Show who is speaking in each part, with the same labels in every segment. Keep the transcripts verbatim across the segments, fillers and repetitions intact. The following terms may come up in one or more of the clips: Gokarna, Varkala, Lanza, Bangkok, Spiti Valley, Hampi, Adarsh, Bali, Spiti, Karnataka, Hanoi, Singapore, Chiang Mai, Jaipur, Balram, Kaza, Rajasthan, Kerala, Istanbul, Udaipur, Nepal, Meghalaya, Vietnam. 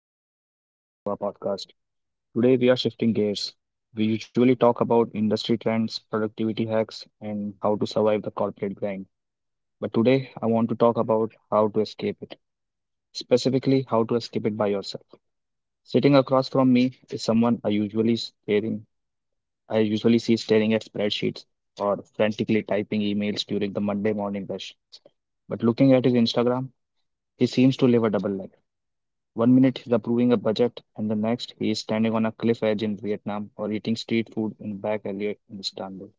Speaker 1: everyone, and welcome back to our podcast. Today, we are shifting gears. We usually talk about industry trends, productivity hacks, and how to survive the corporate grind. But today, I want to talk about how to escape it, specifically, how to escape it by yourself. Sitting across from me is someone I usually staring, I usually see staring at spreadsheets or frantically typing emails during the Monday morning rush. But looking at his Instagram, he seems to live a double life. One minute he's approving a budget, and the next he is standing on a cliff edge in Vietnam or eating street food in a back alley in Istanbul.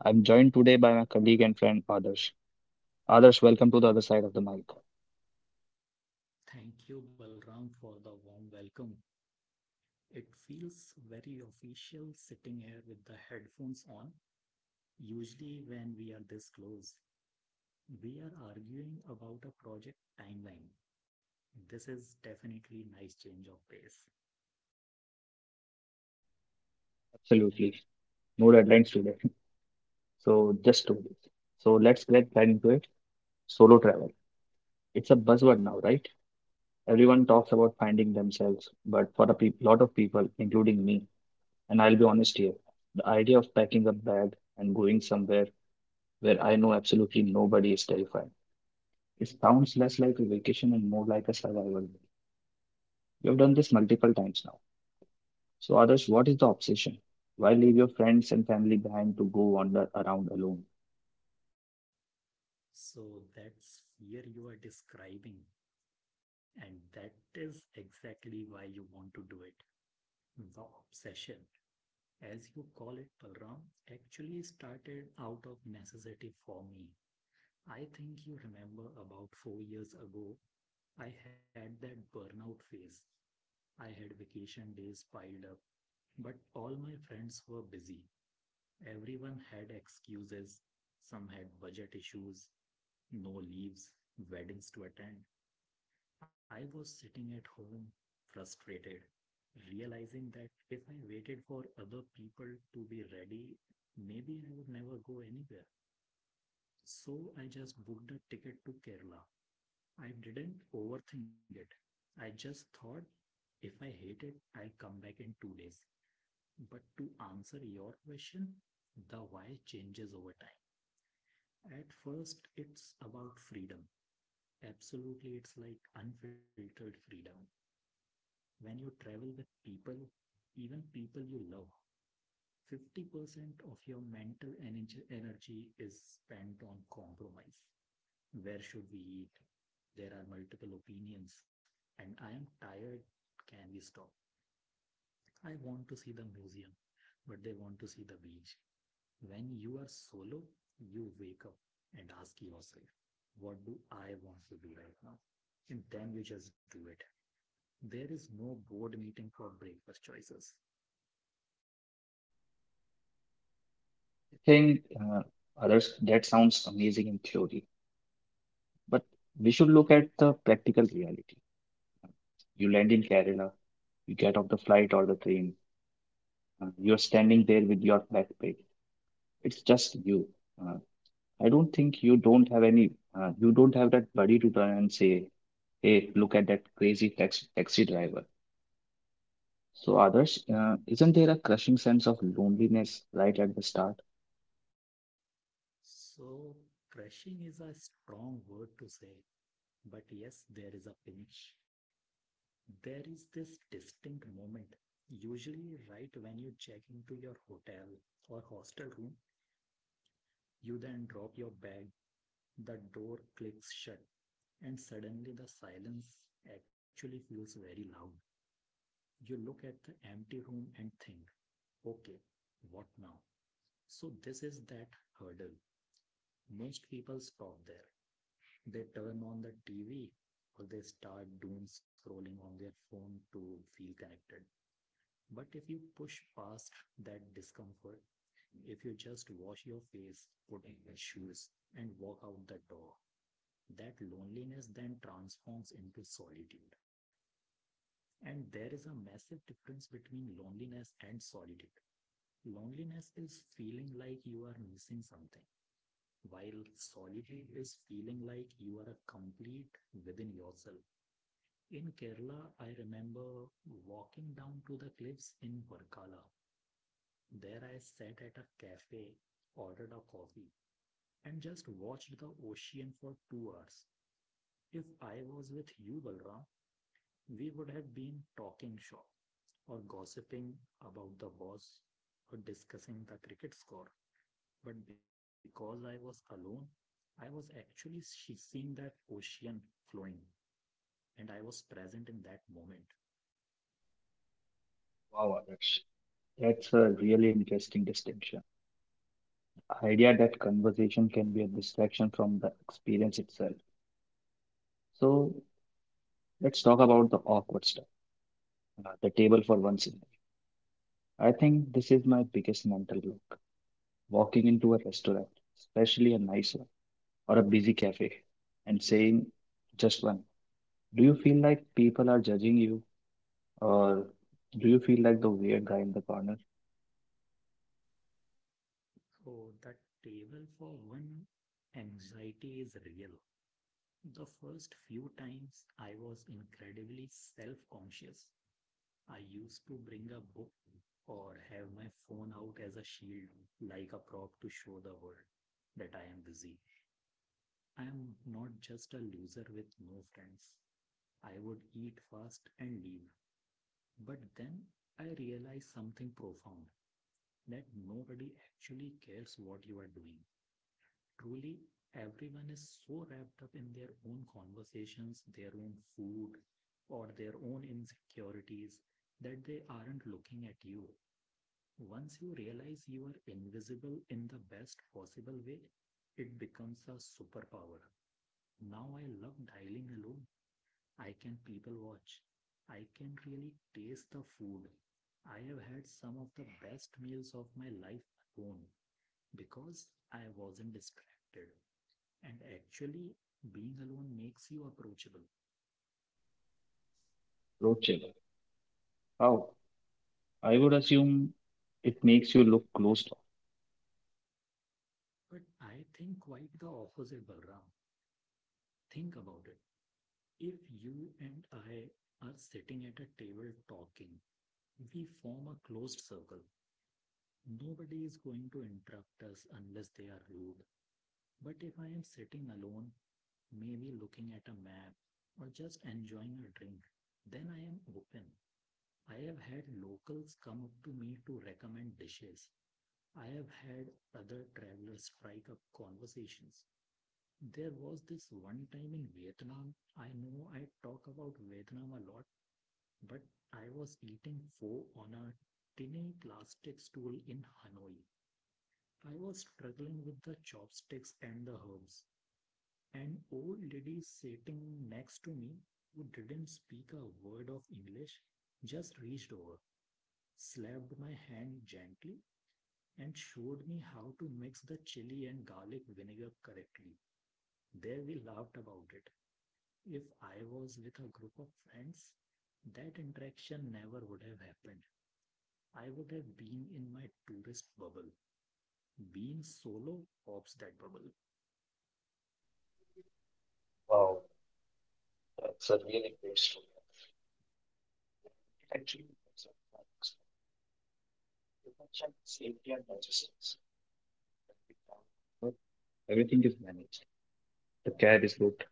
Speaker 1: I'm joined today by my colleague and friend Adarsh. Adarsh, welcome to the other side of the mic.
Speaker 2: Thank you, Balram, for the warm welcome. It feels very official sitting here with the headphones on. Usually, when we are this close, we are arguing about a project timeline. This is definitely nice change of pace.
Speaker 1: Absolutely. No deadlines today. So just two days. So let's get right into it. Solo travel. It's a buzzword now, right? Everyone talks about finding themselves, but for a peop lot of people, including me, and I'll be honest here, the idea of packing a bag and going somewhere where I know absolutely nobody is terrifying. It sounds less like a vacation and more like a survival. You've done this multiple times now. So, others, what is the obsession? Why leave your friends and family behind to go wander around alone?
Speaker 2: So that's here you are describing, and that is exactly why you want to do it. The obsession, as you call it, Balram, actually started out of necessity for me. I think you remember about four years ago, I had that burnout phase. I had vacation days piled up, but all my friends were busy. Everyone had excuses. Some had budget issues, no leaves, weddings to attend. I was sitting at home, frustrated, realizing that if I waited for other people to be ready, maybe I would never go anywhere. So I just booked a ticket to Kerala. I didn't overthink it. I just thought if I hate it, I'll come back in two days. But to answer your question, the why changes over time. At first, it's about freedom. Absolutely, it's like unfiltered freedom. When you travel with people, even people you love, fifty percent of your mental energy is spent on compromise. Where should we eat? There are multiple opinions, and I am tired. Can we stop? I want to see the museum, but they want to see the beach. When you are solo, you wake up and ask yourself, what do I want to do right now? And then you just do it. There is no board meeting for breakfast choices.
Speaker 1: I think, uh, others, that sounds amazing in theory, but we should look at the practical reality. You land in Kerala, you get off the flight or the train, uh, you're standing there with your backpack. It's just you. Uh, I don't think you don't have any, uh, you don't have that buddy to turn and say, "Hey, look at that crazy tax taxi driver." So, Adarsh, uh, isn't there a crushing sense of loneliness right at the start?
Speaker 2: So, crushing is a strong word to say, but yes, there is a pinch. There is this distinct moment, usually right when you check into your hotel or hostel room, you then drop your bag, the door clicks shut, and suddenly the silence actually feels very loud. You look at the empty room and think, okay, what now? So, this is that hurdle. Most people stop there. They turn on the T V or they start doom scrolling on their phone to feel connected. But if you push past that discomfort, if you just wash your face, put in your shoes, and walk out the door, that loneliness then transforms into solitude. And there is a massive difference between loneliness and solitude. Loneliness is feeling like you are missing something, while solitude is feeling like you are a complete within yourself. In Kerala, I remember walking down to the cliffs in Varkala. There I sat at a cafe, ordered a coffee, and just watched the ocean for two hours. If I was with you, Balram, we would have been talking shop or gossiping about the boss or discussing the cricket score. But because I was alone, I was actually seeing that ocean flowing and I was present in that moment.
Speaker 1: Wow, Adarsh, that's a really interesting distinction. Idea that conversation can be a distraction from the experience itself. So, let's talk about the awkward stuff, uh, the table for one second. I think this is my biggest mental block. Walking into a restaurant, especially a nice one or a busy cafe, and saying just one. Do you feel like people are judging you? Or do you feel like the weird guy in the corner?
Speaker 2: So that table for one anxiety is real. The first few times I was incredibly self conscious. I used to bring a book or have my phone out as a shield, like a prop to show the world that I am busy. I am not just a loser with no friends. I would eat fast and leave. But then I realized something profound that nobody actually cares what you are doing. Truly, everyone is so wrapped up in their own conversations, their own food, or their own insecurities that they aren't looking at you. Once you realize you are invisible in the best possible way, it becomes a superpower. Now I love dining alone. I can people watch. I can really taste the food. I have had some of the best meals of my life alone because I wasn't distracted. And actually, being alone makes you approachable.
Speaker 1: Road trip. How? I would assume it makes you look closed off.
Speaker 2: But I think quite the opposite, Balram. Think about it. If you and I are sitting at a table talking, we form a closed circle. Nobody is going to interrupt us unless they are rude. But if I am sitting alone, maybe looking at a map or just enjoying a drink, then I am open. I have had locals come up to me to recommend dishes. I have had other travelers strike up conversations. There was this one time in Vietnam. I know I talk about Vietnam a lot, but I was eating pho on a tiny plastic stool in Hanoi. I was struggling with the chopsticks and the herbs. An old lady sitting next to me, who didn't speak a word of English, just reached over, slapped my hand gently, and showed me how to mix the chili and garlic vinegar correctly. There we laughed about it. If I was with a group of friends, that interaction never would have happened. I would have been in my tourist bubble. Being solo pops that bubble.
Speaker 1: Wow, that's a really great story. Actually, there's a paradox. You mentioned safety and logistics. When we travel abroad, everything is managed. The cab is booked.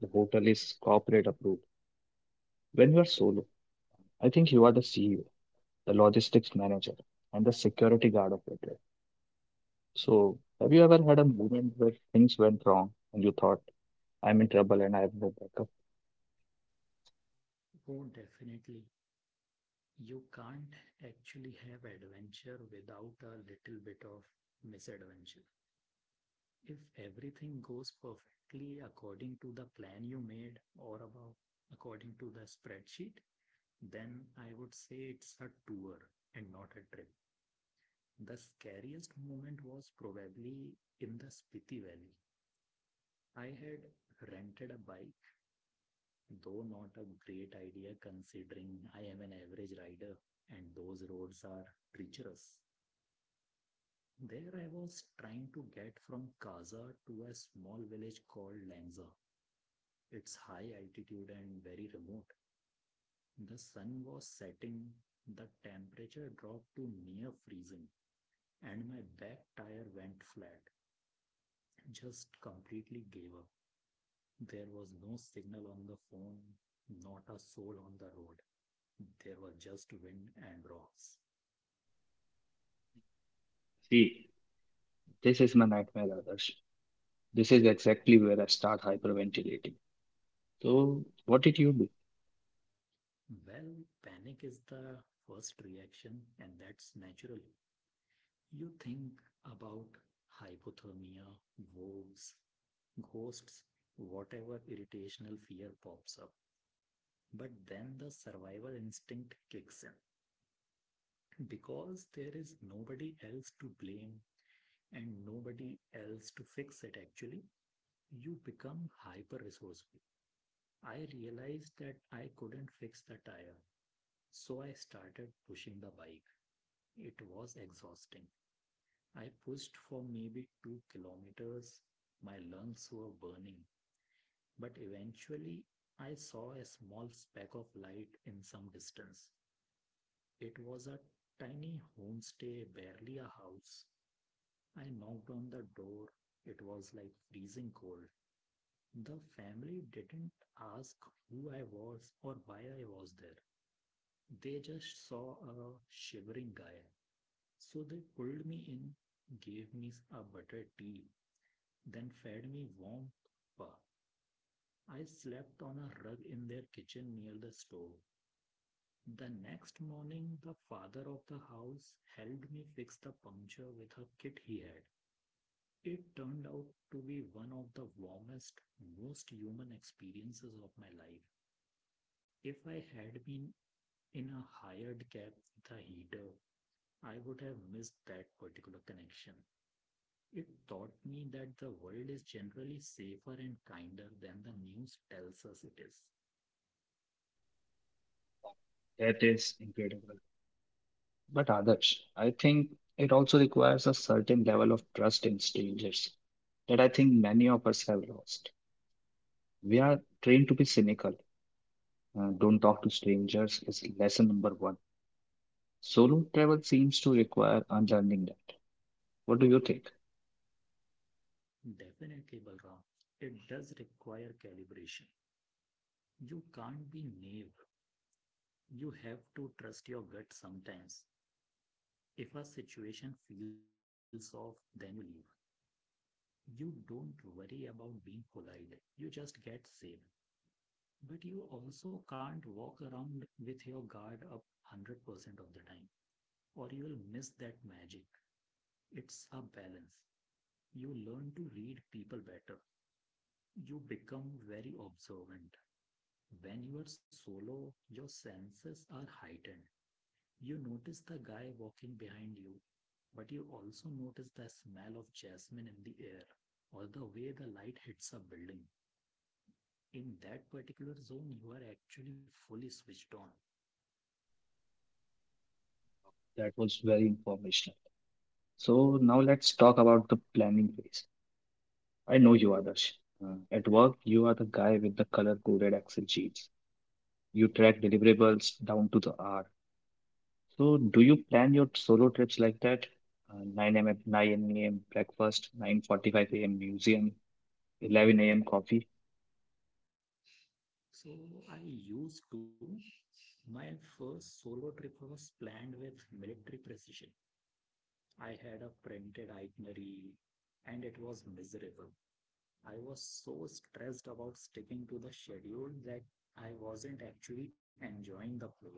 Speaker 1: The hotel is corporate approved. When you are solo, I think you are the C E O, the logistics manager, and the security guard of your trip. So, have you ever had a moment where things went wrong and you thought, "I'm in trouble and I have no backup."
Speaker 2: Oh, definitely. You can't actually have adventure without a little bit of misadventure. If everything goes perfectly according to the plan you made or about according to the spreadsheet, then I would say it's a tour and not a trip. The scariest moment was probably in the Spiti Valley. I had rented a bike, though not a great idea considering I am an average rider and those roads are treacherous. There I was trying to get from Kaza to a small village called Lanza. It's high altitude and very remote. The sun was setting, the temperature dropped to near freezing, and my back tire went flat. Just completely gave up. There was no signal on the phone, not a soul on the road. There was just wind and rocks.
Speaker 1: See, this is my nightmare, Adarsh. This is exactly where I start hyperventilating. So, what did you do?
Speaker 2: Well, panic is the first reaction, and that's natural. You think about hypothermia, wolves, ghosts, whatever irritational fear pops up. But then the survival instinct kicks in because there is nobody else to blame and nobody else to fix it actually. You become hyper resourceful. I realized that I couldn't fix the tire, so I started pushing the bike. It was exhausting. I pushed for maybe two kilometers. My lungs were burning, but eventually I saw a small speck of light in some distance. It was a tiny homestay, barely a house. I knocked on the door. It was like freezing cold. The family didn't ask who I was or why I was there. They just saw a shivering guy. So they pulled me in, gave me a butter tea, then fed me warm supper. I slept on a rug in their kitchen near the stove. The next morning, the father of the house helped me fix the puncture with a kit he had. It turned out to be one of the warmest, most human experiences of my life. If I had been in a hired cab with a heater, I would have missed that particular connection. It taught me that the world is generally safer and kinder than the news tells us it is.
Speaker 1: That is incredible. But Adarsh, I think it also requires a certain level of trust in strangers that I think many of us have lost. We are trained to be cynical. Uh, don't talk to strangers is lesson number one. Solo travel seems to require unlearning that. What do you think?
Speaker 2: Definitely, Balram. It does require calibration. You can't be naive. You have to trust your gut sometimes. If a situation feels off, then you leave. You don't worry about being polite. You just get safe. But you also can't walk around with your guard up one hundred percent of the time, or you'll miss that magic. It's a balance. You learn to read people better. You become very observant. When you are solo, your senses are heightened. You notice the guy walking behind you, but you also notice the smell of jasmine in the air or the way the light hits a building. In that particular zone, you are actually fully switched on.
Speaker 1: That was very informational. So now let's talk about the planning phase. I know you, Adarsh. Uh, at work, you are the guy with the color-coded Excel sheets. You track deliverables down to the hour. So do you plan your solo trips like that? Uh, nine a m nine a m breakfast, nine forty-five a m museum, eleven a m coffee,
Speaker 2: So I used to. My first solo trip was planned with military precision. I had a printed itinerary and it was miserable. I was so stressed about sticking to the schedule that I wasn't actually enjoying the place.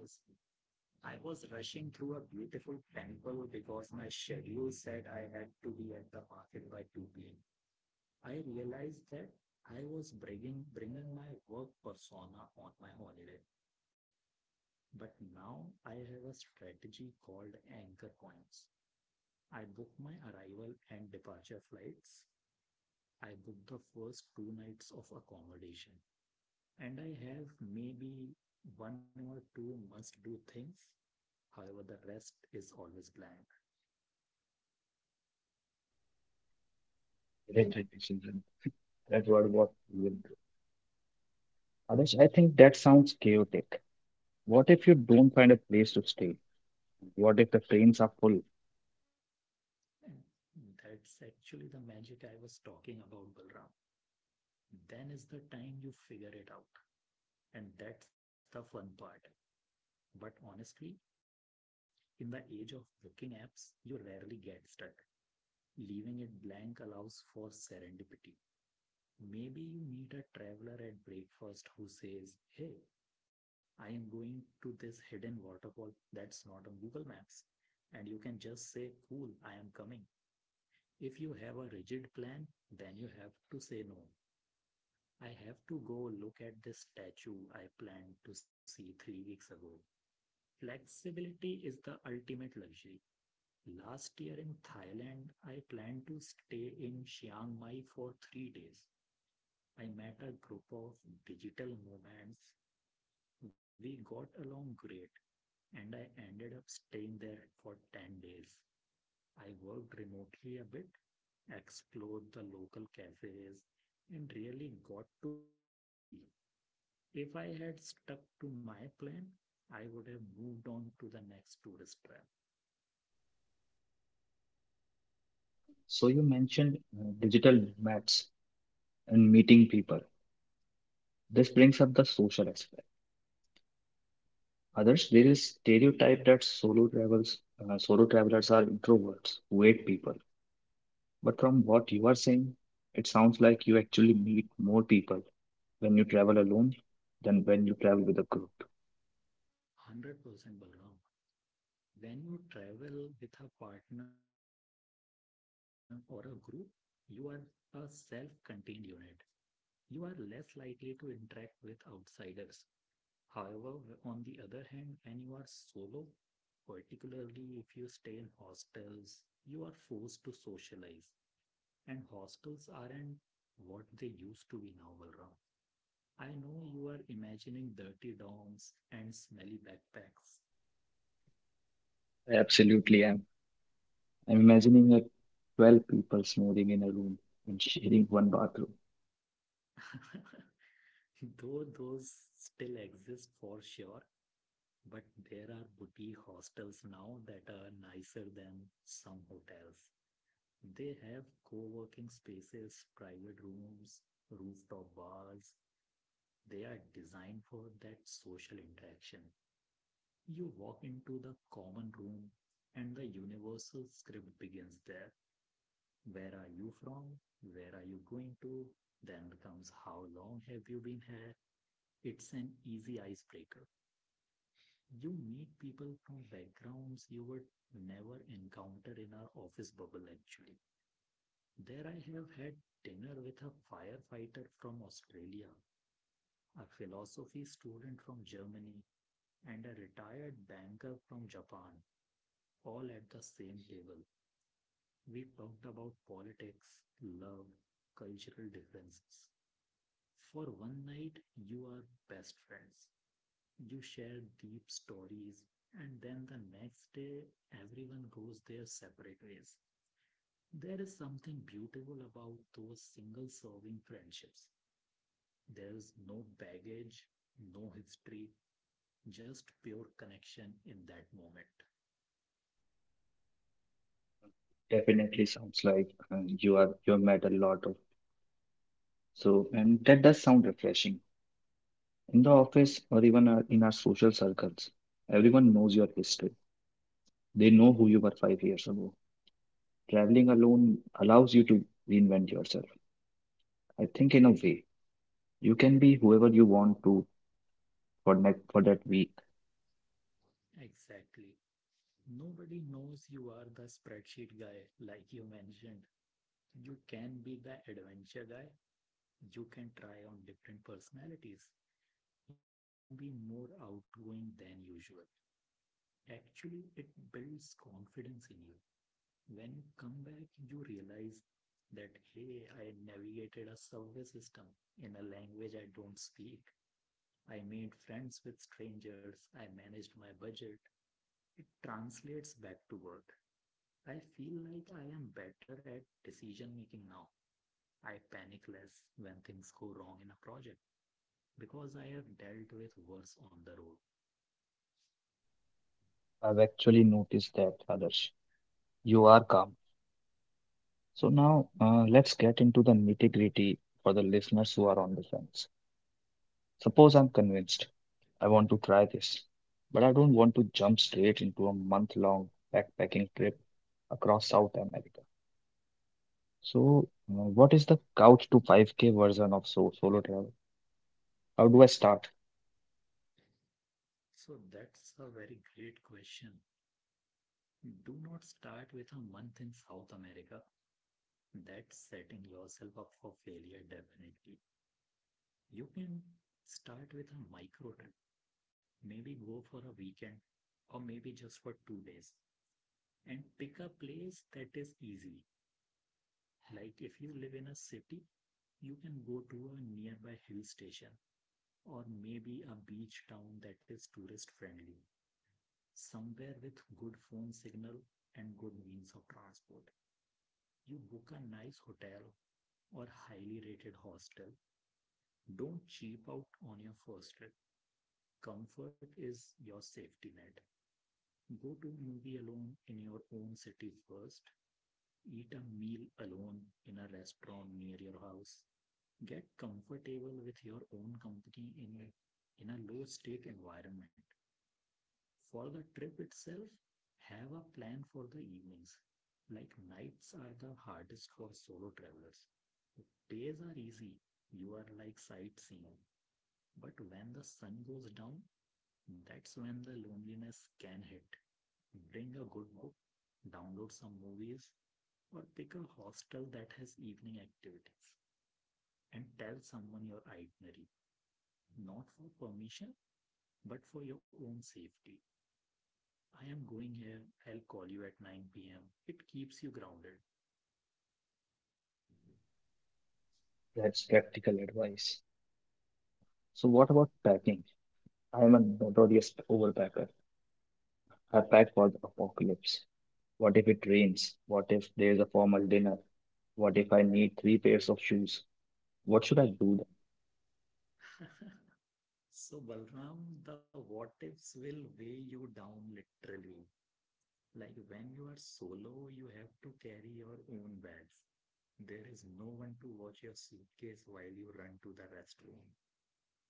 Speaker 2: I was rushing through a beautiful temple because my schedule said I had to be at the market by two p m. I realized that I was bringing, bringing my work persona on my holiday. But now I have a strategy called anchor points. I book my arrival and departure flights. I book the first two nights of accommodation, and I have maybe one or two must do things. However, the rest is always blank.
Speaker 1: electric decision. That's what what we will do. Adarsh, I think that sounds chaotic. What if you don't find a place to stay? What if the trains are full?
Speaker 2: And that's actually the magic I was talking about, Balram. Then is the time you figure it out. And that's the fun part. But honestly, in the age of booking apps, you rarely get stuck. Leaving it blank allows for serendipity. Maybe you meet a traveler at breakfast who says, "Hey, I am going to this hidden waterfall that's not on Google Maps." And you can just say, "Cool, I am coming." If you have a rigid plan, then you have to say no. I have to go look at this statue I planned to see three weeks ago. Flexibility is the ultimate luxury. Last year in Thailand, I planned to stay in Chiang Mai for three days. I met a group of digital nomads. We got along great, and I ended up staying there for ten days. I worked remotely a bit, explored the local cafes, and really got to know the city. If I had stuck to my plan, I would have moved on to the next tourist trap.
Speaker 1: So you mentioned uh, digital nomads and meeting people. This brings up the social aspect. Others, there is stereotype that solo travels, uh, solo travelers are introverts, who hate people. But from what you are saying, it sounds like you actually meet more people when you travel alone than when you travel with a group.
Speaker 2: one hundred percent Balram. When you travel with a partner or a group, you are a self contained unit. You are less likely to interact with outsiders. However, on the other hand, when you are solo, particularly if you stay in hostels, you are forced to socialize. And hostels aren't what they used to be now, Balram. I know you are imagining dirty dorms and smelly backpacks.
Speaker 1: I absolutely am. I'm imagining a twelve people snoring in a room and sharing one bathroom.
Speaker 2: Though those still exist for sure, but there are boutique hostels now that are nicer than some hotels. They have co-working spaces, private rooms, rooftop bars. They are designed for that social interaction. You walk into the common room and the universal script begins there. Where are you from? Where are you going to? Then comes how long have you been here? It's an easy icebreaker. You meet people from backgrounds you would never encounter in our office bubble actually. There I have had dinner with a firefighter from Australia, a philosophy student from Germany, and a retired banker from Japan, all at the same table. We talked about politics, love, cultural differences. For one night, you are best friends. You share deep stories, and then the next day, everyone goes their separate ways. There is something beautiful about those single serving friendships. There is no baggage, no history, just pure connection in that moment.
Speaker 1: Definitely sounds like uh, you are you have met a lot of so, and that does sound refreshing. In the office or even our- in our social circles, everyone knows your history. They know who you were five years ago. Traveling alone allows you to reinvent yourself. I think, in a way, you can be whoever you want to for, ne- for that week.
Speaker 2: Exactly. Nobody knows you are the spreadsheet guy, like you mentioned. You can be the adventure guy. You can try on different personalities. You can be more outgoing than usual. Actually, it builds confidence in you. When you come back, you realize that, hey, I navigated a subway system in a language I don't speak. I made friends with strangers. I managed my budget. It translates back to work. I feel like I am better at decision making now. I panic less when things go wrong in a project because I have dealt with worse on the road.
Speaker 1: I've actually noticed that, others. You are calm. So, now uh, let's get into the nitty gritty for the listeners who are on the fence. Suppose I'm convinced I want to try this, but I don't want to jump straight into a month long backpacking trip across South America. So, uh, what is the couch to five K version of so solo travel? How do I start?
Speaker 2: So that's a very great question. Do not start with a month in South America. That's setting yourself up for failure, definitely. You can start with a micro trip. Maybe go for a weekend or maybe just for two days and pick a place that is easy. Like if you live in a city, you can go to a nearby hill station or maybe a beach town that is tourist friendly, somewhere with good phone signal and good means of transport. You book a nice hotel or highly rated hostel. Don't cheap out on your first trip. Comfort is your safety net. Go to a movie alone in your own city first. Eat a meal alone in a restaurant near your house. Get comfortable with your own company in, in a low stake environment. For the trip itself, have a plan for the evenings. Like nights are the hardest for solo travelers. Days are easy. You are like sightseeing. But when the sun goes down, that's when the loneliness can hit. Bring a good book, download some movies, or pick a hostel that has evening activities and tell someone your itinerary, not for permission, but for your own safety. I am going here. I'll call you at nine p m. It keeps you grounded.
Speaker 1: That's practical advice. So, what about packing? I am a notorious overpacker. I pack for the apocalypse. What if it rains? What if there is a formal dinner? What if I need three pairs of shoes? What should I do then?
Speaker 2: So, Balram, the what ifs will weigh you down literally. Like when you are solo, you have to carry your own bags. There is no one to watch your suitcase while you run to the restroom.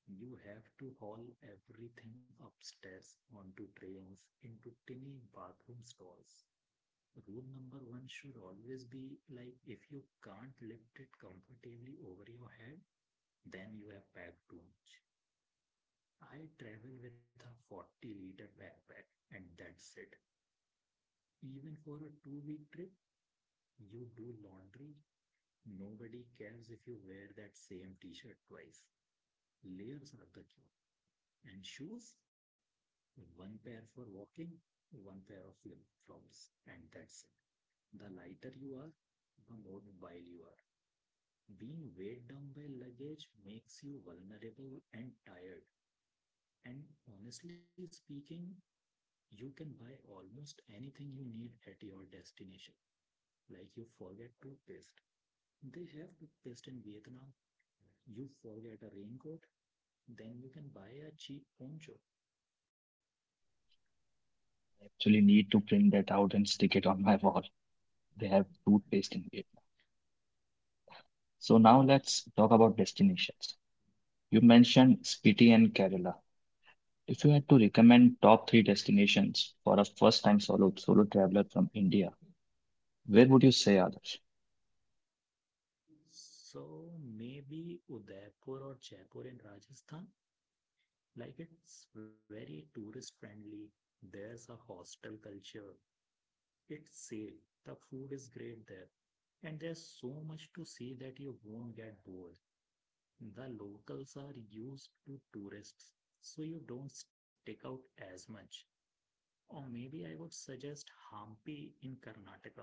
Speaker 2: You have to haul everything upstairs onto trains into tiny bathroom stalls. Rule number one should always be like if you can't lift it comfortably over your head, then you have packed too much. I travel with a forty liter backpack and that's it. Even for a two week trip, you do laundry. Nobody cares if you wear that same t-shirt twice. Layers are the cure. And shoes? One pair for walking, one pair of flip-flops, and that's it. The lighter you are, the more mobile you are. Being weighed down by luggage makes you vulnerable and tired. And honestly speaking, you can buy almost anything you need at your destination. Like you forget toothpaste, they have the best in Vietnam. You forget a raincoat, then you can buy a cheap poncho.
Speaker 1: I actually need to print that out and stick it on my wall. They have toothpaste in it. So now let's talk about destinations. You mentioned Spiti and Kerala. If you had to recommend top three destinations for a first-time solo solo traveler from India, where would you say Adarsh?
Speaker 2: So maybe Udaipur or Jaipur in Rajasthan, like it's very tourist friendly. There's a hostel culture. It's safe. The food is great there. And there's so much to see that you won't get bored. The locals are used to tourists, so you don't stick out as much. Or maybe I would suggest Hampi in Karnataka.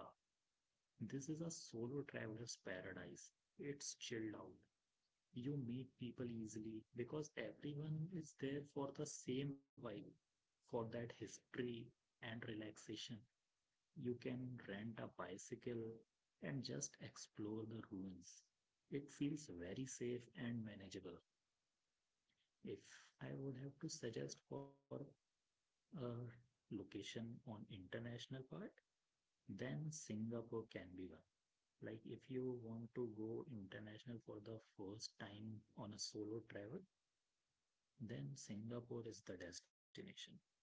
Speaker 2: This is a solo traveler's paradise. It's chilled out. You meet people easily because everyone is there for the same vibe, for that history and relaxation. You can rent a bicycle and just explore the ruins. It feels very safe and manageable. If I would have to suggest for a location on international part, then Singapore can be one. Like if you want to go international for the first time on a solo travel, then Singapore is the destination.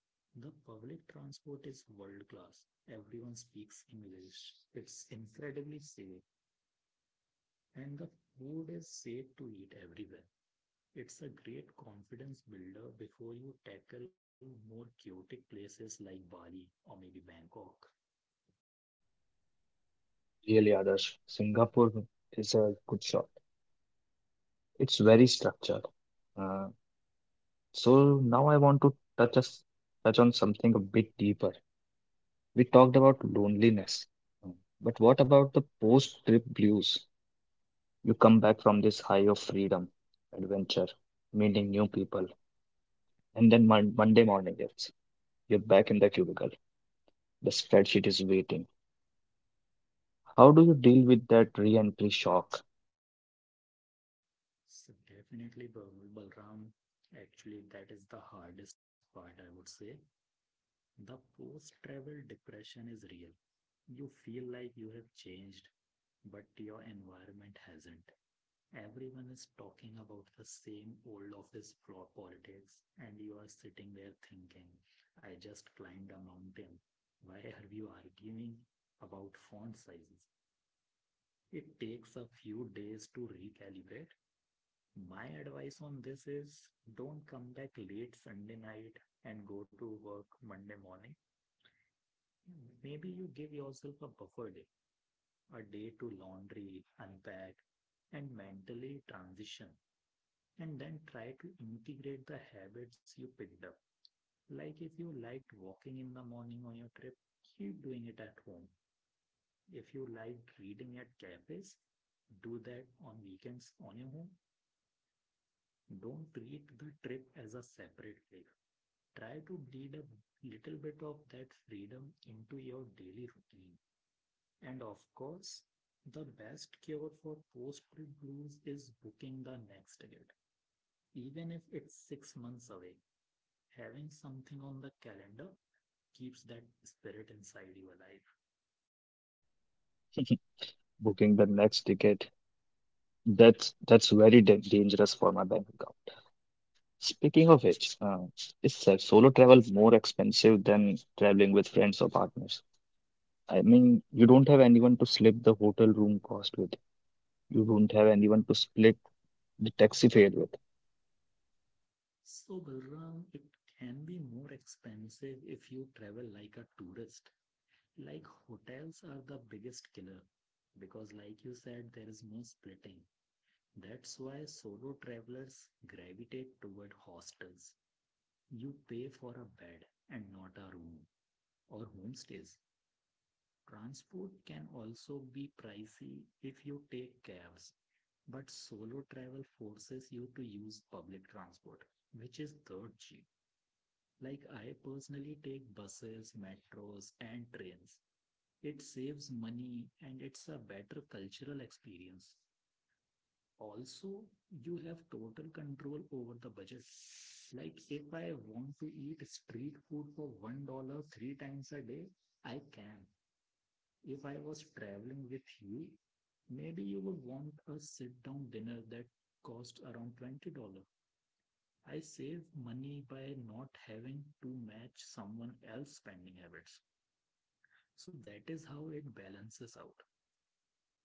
Speaker 2: The public transport is world class. Everyone speaks English. It's incredibly safe and the food is safe to eat everywhere. It's a great confidence builder before you tackle more chaotic places like Bali or maybe Bangkok.
Speaker 1: Really, Adarsh, Singapore is a good shot. It's very structured. Uh, so now I want to touch us touch on something a bit deeper. We talked about loneliness, uh, but what about the post-trip blues? You come back from this high of freedom, adventure, meeting new people, and then mon Monday morning it's you're back in the cubicle. The spreadsheet is waiting. How do you deal with that re-entry shock?
Speaker 2: So definitely Bal- Balram. Actually, that is the hardest part, I would say. The post-travel depression is real. You feel like you have changed, but your environment hasn't. Everyone is talking about the same old office floor politics, and you are sitting there thinking, I just climbed a mountain. Why are you arguing about font sizes? It takes a few days to recalibrate. My advice on this is don't come back late Sunday night and go to work Monday morning. Maybe you give yourself a buffer day, a day to laundry, unpack, and mentally transition. And then try to integrate the habits you picked up. Like if you liked walking in the morning on your trip, keep doing it at home. If you liked reading at cafes, do that on weekends on your own. Don't treat the trip as a separate day. Try to bleed a little bit of that freedom into your daily routine. And of course, the best cure for post-trip blues is booking the next ticket. Even if it's six months away, having something on the calendar keeps that spirit inside you alive.
Speaker 1: Booking the next ticket, that's that's very da- dangerous for my bank account. Speaking of which, uh, is se- solo travel more expensive than traveling with friends or partners? I mean, you don't have anyone to split the hotel room cost with. You don't have anyone to split the taxi fare with.
Speaker 2: So, Balram, it can be more expensive if you travel like a tourist. Like hotels are the biggest killer because, like you said, there is no splitting. That's why solo travelers gravitate toward hostels. You pay for a bed and not a room or homestays. Transport can also be pricey if you take cabs, but solo travel forces you to use public transport, which is dirt cheap. Like I personally take buses, metros, and trains. It saves money and it's a better cultural experience. Also, you have total control over the budget. Like if I want to eat street food for one dollar three times a day, I can. If I was traveling with you, maybe you would want a sit down dinner that costs around twenty dollar. I save money by not having to match someone else's spending habits. So that is how it balances out.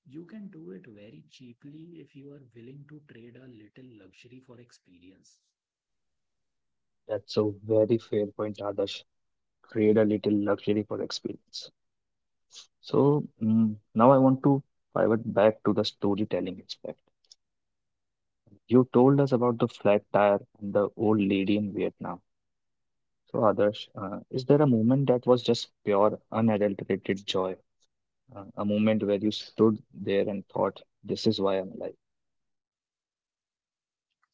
Speaker 2: You can do it very cheaply if you are willing to trade a little luxury for experience.
Speaker 1: That's a very fair point, Adarsh. Create a little luxury for experience. So mm, now I want to pivot back to the storytelling aspect. You told us about the flat tire and the old lady in Vietnam. So, Adarsh, uh, is there a moment that was just pure, unadulterated joy? Uh, a moment where you stood there and thought, "This is why I'm alive."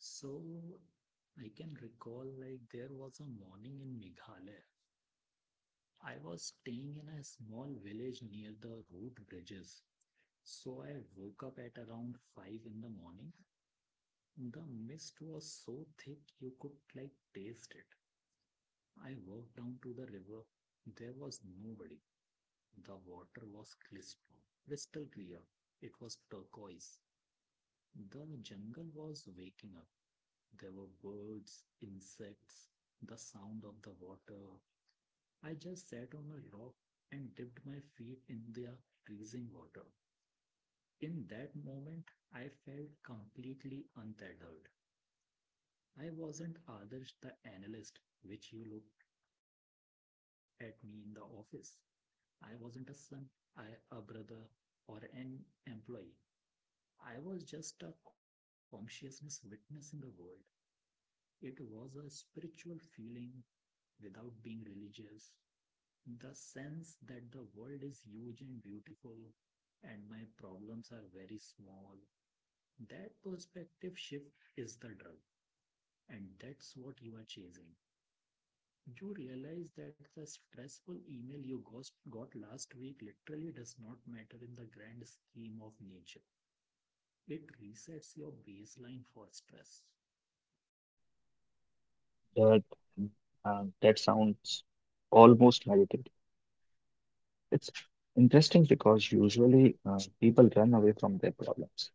Speaker 2: So I can recall like there was a morning in Meghalaya. I was staying in a small village near the road bridges. So I woke up at around five in the morning. The mist was so thick you could like taste it. I walked down to the river. There was nobody. The water was crystal, crystal clear. It was turquoise. The jungle was waking up. There were birds, insects, the sound of the water. I just sat on a rock and dipped my feet in the freezing water. In that moment, I felt completely untethered. I wasn't Adarsh the analyst, which you looked at me in the office. I wasn't a son, I a brother, or an employee. I was just a consciousness witnessing the world. It was a spiritual feeling without being religious, the sense that the world is huge and beautiful and my problems are very small. That perspective shift is the drug, and that's what you are chasing. You realize that the stressful email you got last week literally does not matter in the grand scheme of nature. It resets your baseline for stress.
Speaker 1: That uh, that sounds almost meditative. It's interesting because usually uh, people run away from their problems,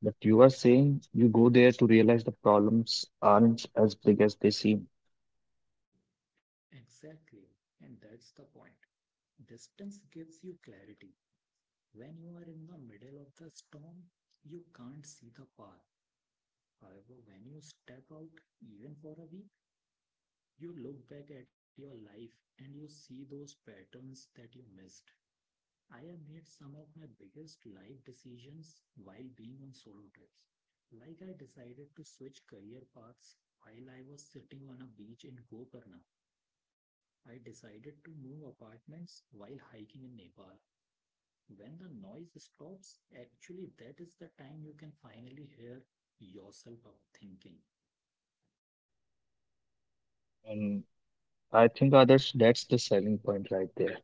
Speaker 1: but you are saying you go there to realize the problems aren't as big as they seem.
Speaker 2: Exactly, and that's the point. Distance gives you clarity. When you are in the middle of the storm, you can't see the path. However, when you step out, even for a week, you look back at your life and you see those patterns that you missed. I have made some of my biggest life decisions while being on solo trips. Like I decided to switch career paths while I was sitting on a beach in Gokarna. I decided to move apartments while hiking in Nepal. When the noise stops, actually, that is the time you can finally hear yourself out thinking.
Speaker 1: And I think, Adarsh, that's the selling point right there.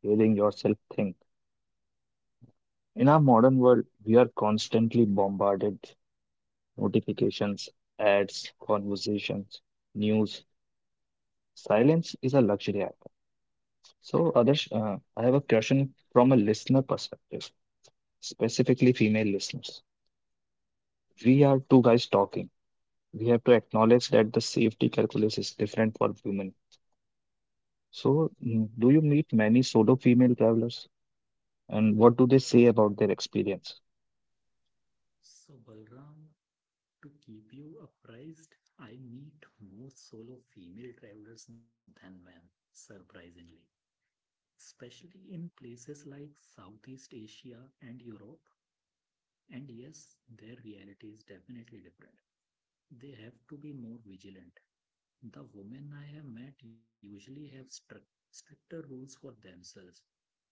Speaker 1: Hearing yourself think. In our modern world, we are constantly bombarded notifications, ads, conversations, news. Silence is a luxury item. So, Adarsh, uh, I have a question from a listener perspective, specifically female listeners. We are two guys talking. We have to acknowledge that the safety calculus is different for women. So, mm, do you meet many solo female travelers, and what do they say about their experience?
Speaker 2: So, Balram, to keep you apprised, I meet more solo female travelers than men, surprisingly, especially in places like Southeast Asia and Europe. And yes, their reality is definitely different. They have to be more vigilant. The women I have met usually have strict stricter rules for themselves.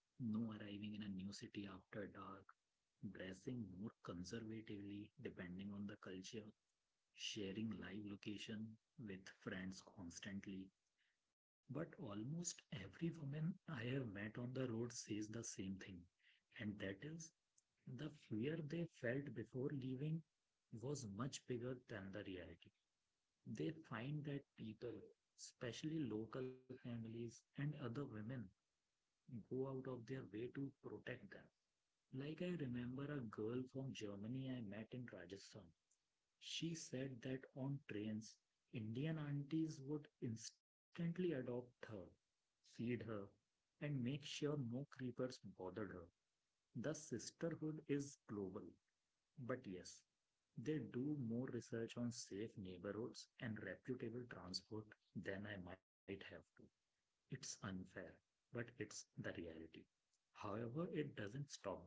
Speaker 2: No arriving in a new city after dark, dressing more conservatively depending on the culture, sharing live location with friends constantly. But almost every woman I have met on the road says the same thing, and that is, the fear they felt before leaving was much bigger than the reality. They find that people, especially local families and other women, go out of their way to protect them. Like, I remember a girl from Germany I met in Rajasthan. She said that on trains, Indian aunties would instantly adopt her, feed her, and make sure no creepers bothered her. The sisterhood is global. But yes, they do more research on safe neighborhoods and reputable transport than I might have to. It's unfair, but it's the reality. However, it doesn't stop them.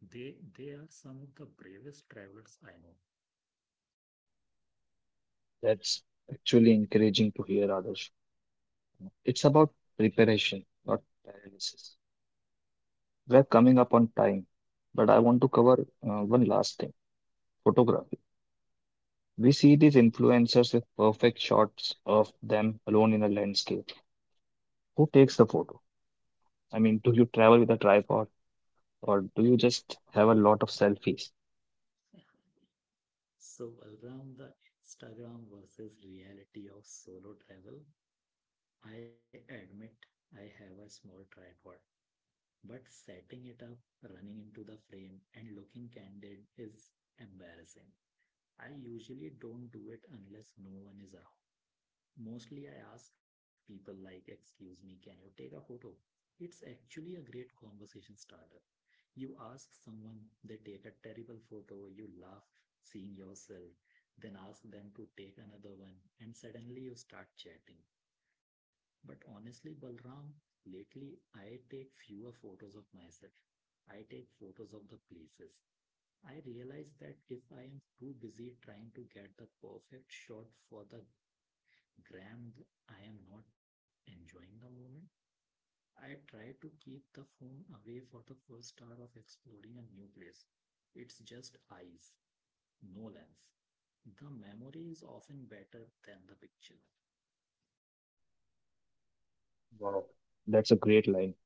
Speaker 2: They they are some of the bravest travelers I know.
Speaker 1: That's actually encouraging to hear, Adarsh. It's about preparation, not paralysis. We're coming up on time, but I want to cover uh, one last thing, photography. We see these influencers with perfect shots of them alone in a landscape. Who takes the photo? I mean, do you travel with a tripod or do you just have a lot of selfies?
Speaker 2: Yeah. So around the Instagram versus reality of solo travel, I admit I have a small tripod, but setting it up, running into the frame, and looking candid is embarrassing. I usually don't do it unless no one is around. Mostly I ask people like, excuse me, can you take a photo? It's actually a great conversation starter. You ask someone, they take a terrible photo, you laugh seeing yourself, then ask them to take another one, and suddenly you start chatting. But honestly, Balram, lately I take fewer photos of myself. I take photos of the places. I realize that if I am too busy trying to get the perfect shot for the Graham, I am not enjoying the moment. I try to keep the phone away for the first hour of exploring a new place. It's just eyes, no lens. The memory is often better than the picture.
Speaker 1: Wow, that's a great line.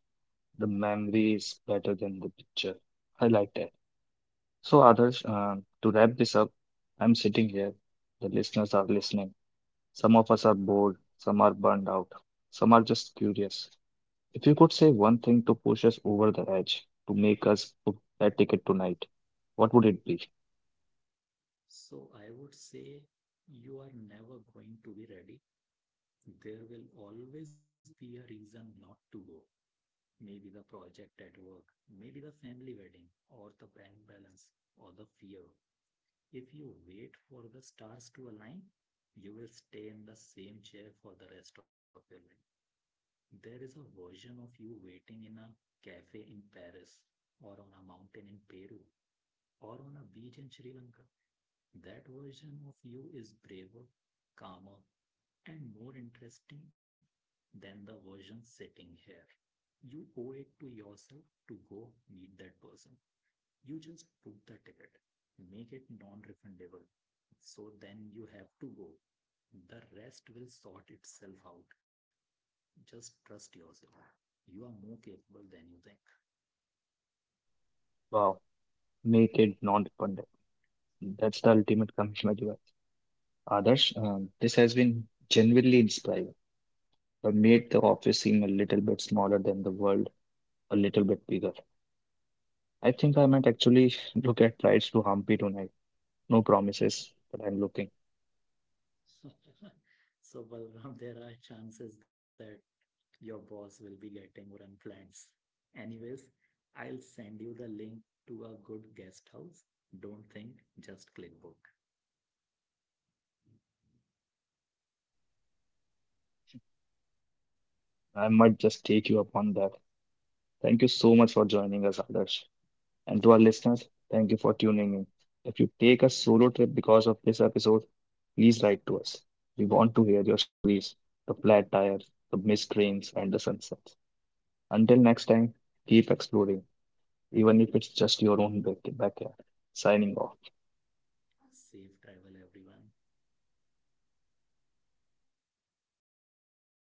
Speaker 1: The memory is better than the picture. I like that. So, others, uh, to wrap this up, I'm sitting here. The listeners are listening. Some of us are bored, some are burned out, some are just curious. If you could say one thing to push us over the edge, to make us book that ticket tonight, what would it be?
Speaker 2: So I would say, you are never going to be ready. There will always be a reason not to go. Maybe the project at work, maybe the family wedding, or the bank balance, or the fear. If you wait for the stars to align, you will stay in the same chair for the rest of your life. There is a version of you waiting in a cafe in Paris, or on a mountain in Peru, or on a beach in Sri Lanka. That version of you is braver, calmer, and more interesting than the version sitting here. You owe it to yourself to go meet that person. You just book the ticket, make it non-refundable. So then you have to go. The rest will sort itself out. Just trust yourself. You are more capable than you
Speaker 1: Wow, make it non-dependent. That's the ultimate commitment you have. Adarsh, um, this has been genuinely inspiring. I made the office seem a little bit smaller than the world, a little bit bigger. I think I might actually look at flights to Hampi tonight. No promises, but I'm looking.
Speaker 2: think. So, Balram, there are chances that your boss will be getting more unplans. Anyways, I'll send you the link to a good guest house. Don't think, just click book.
Speaker 1: I might just take you up on that. Thank you so much for joining us, Adarsh. And to our listeners, thank you for tuning in. If you take a solo trip because of this episode, please write to us. We want to hear your stories, the flat tires, the missed trains, and the sunsets. Until next time, keep exploring, even if it's just your own back- backyard. Signing off.
Speaker 2: Safe travel, everyone.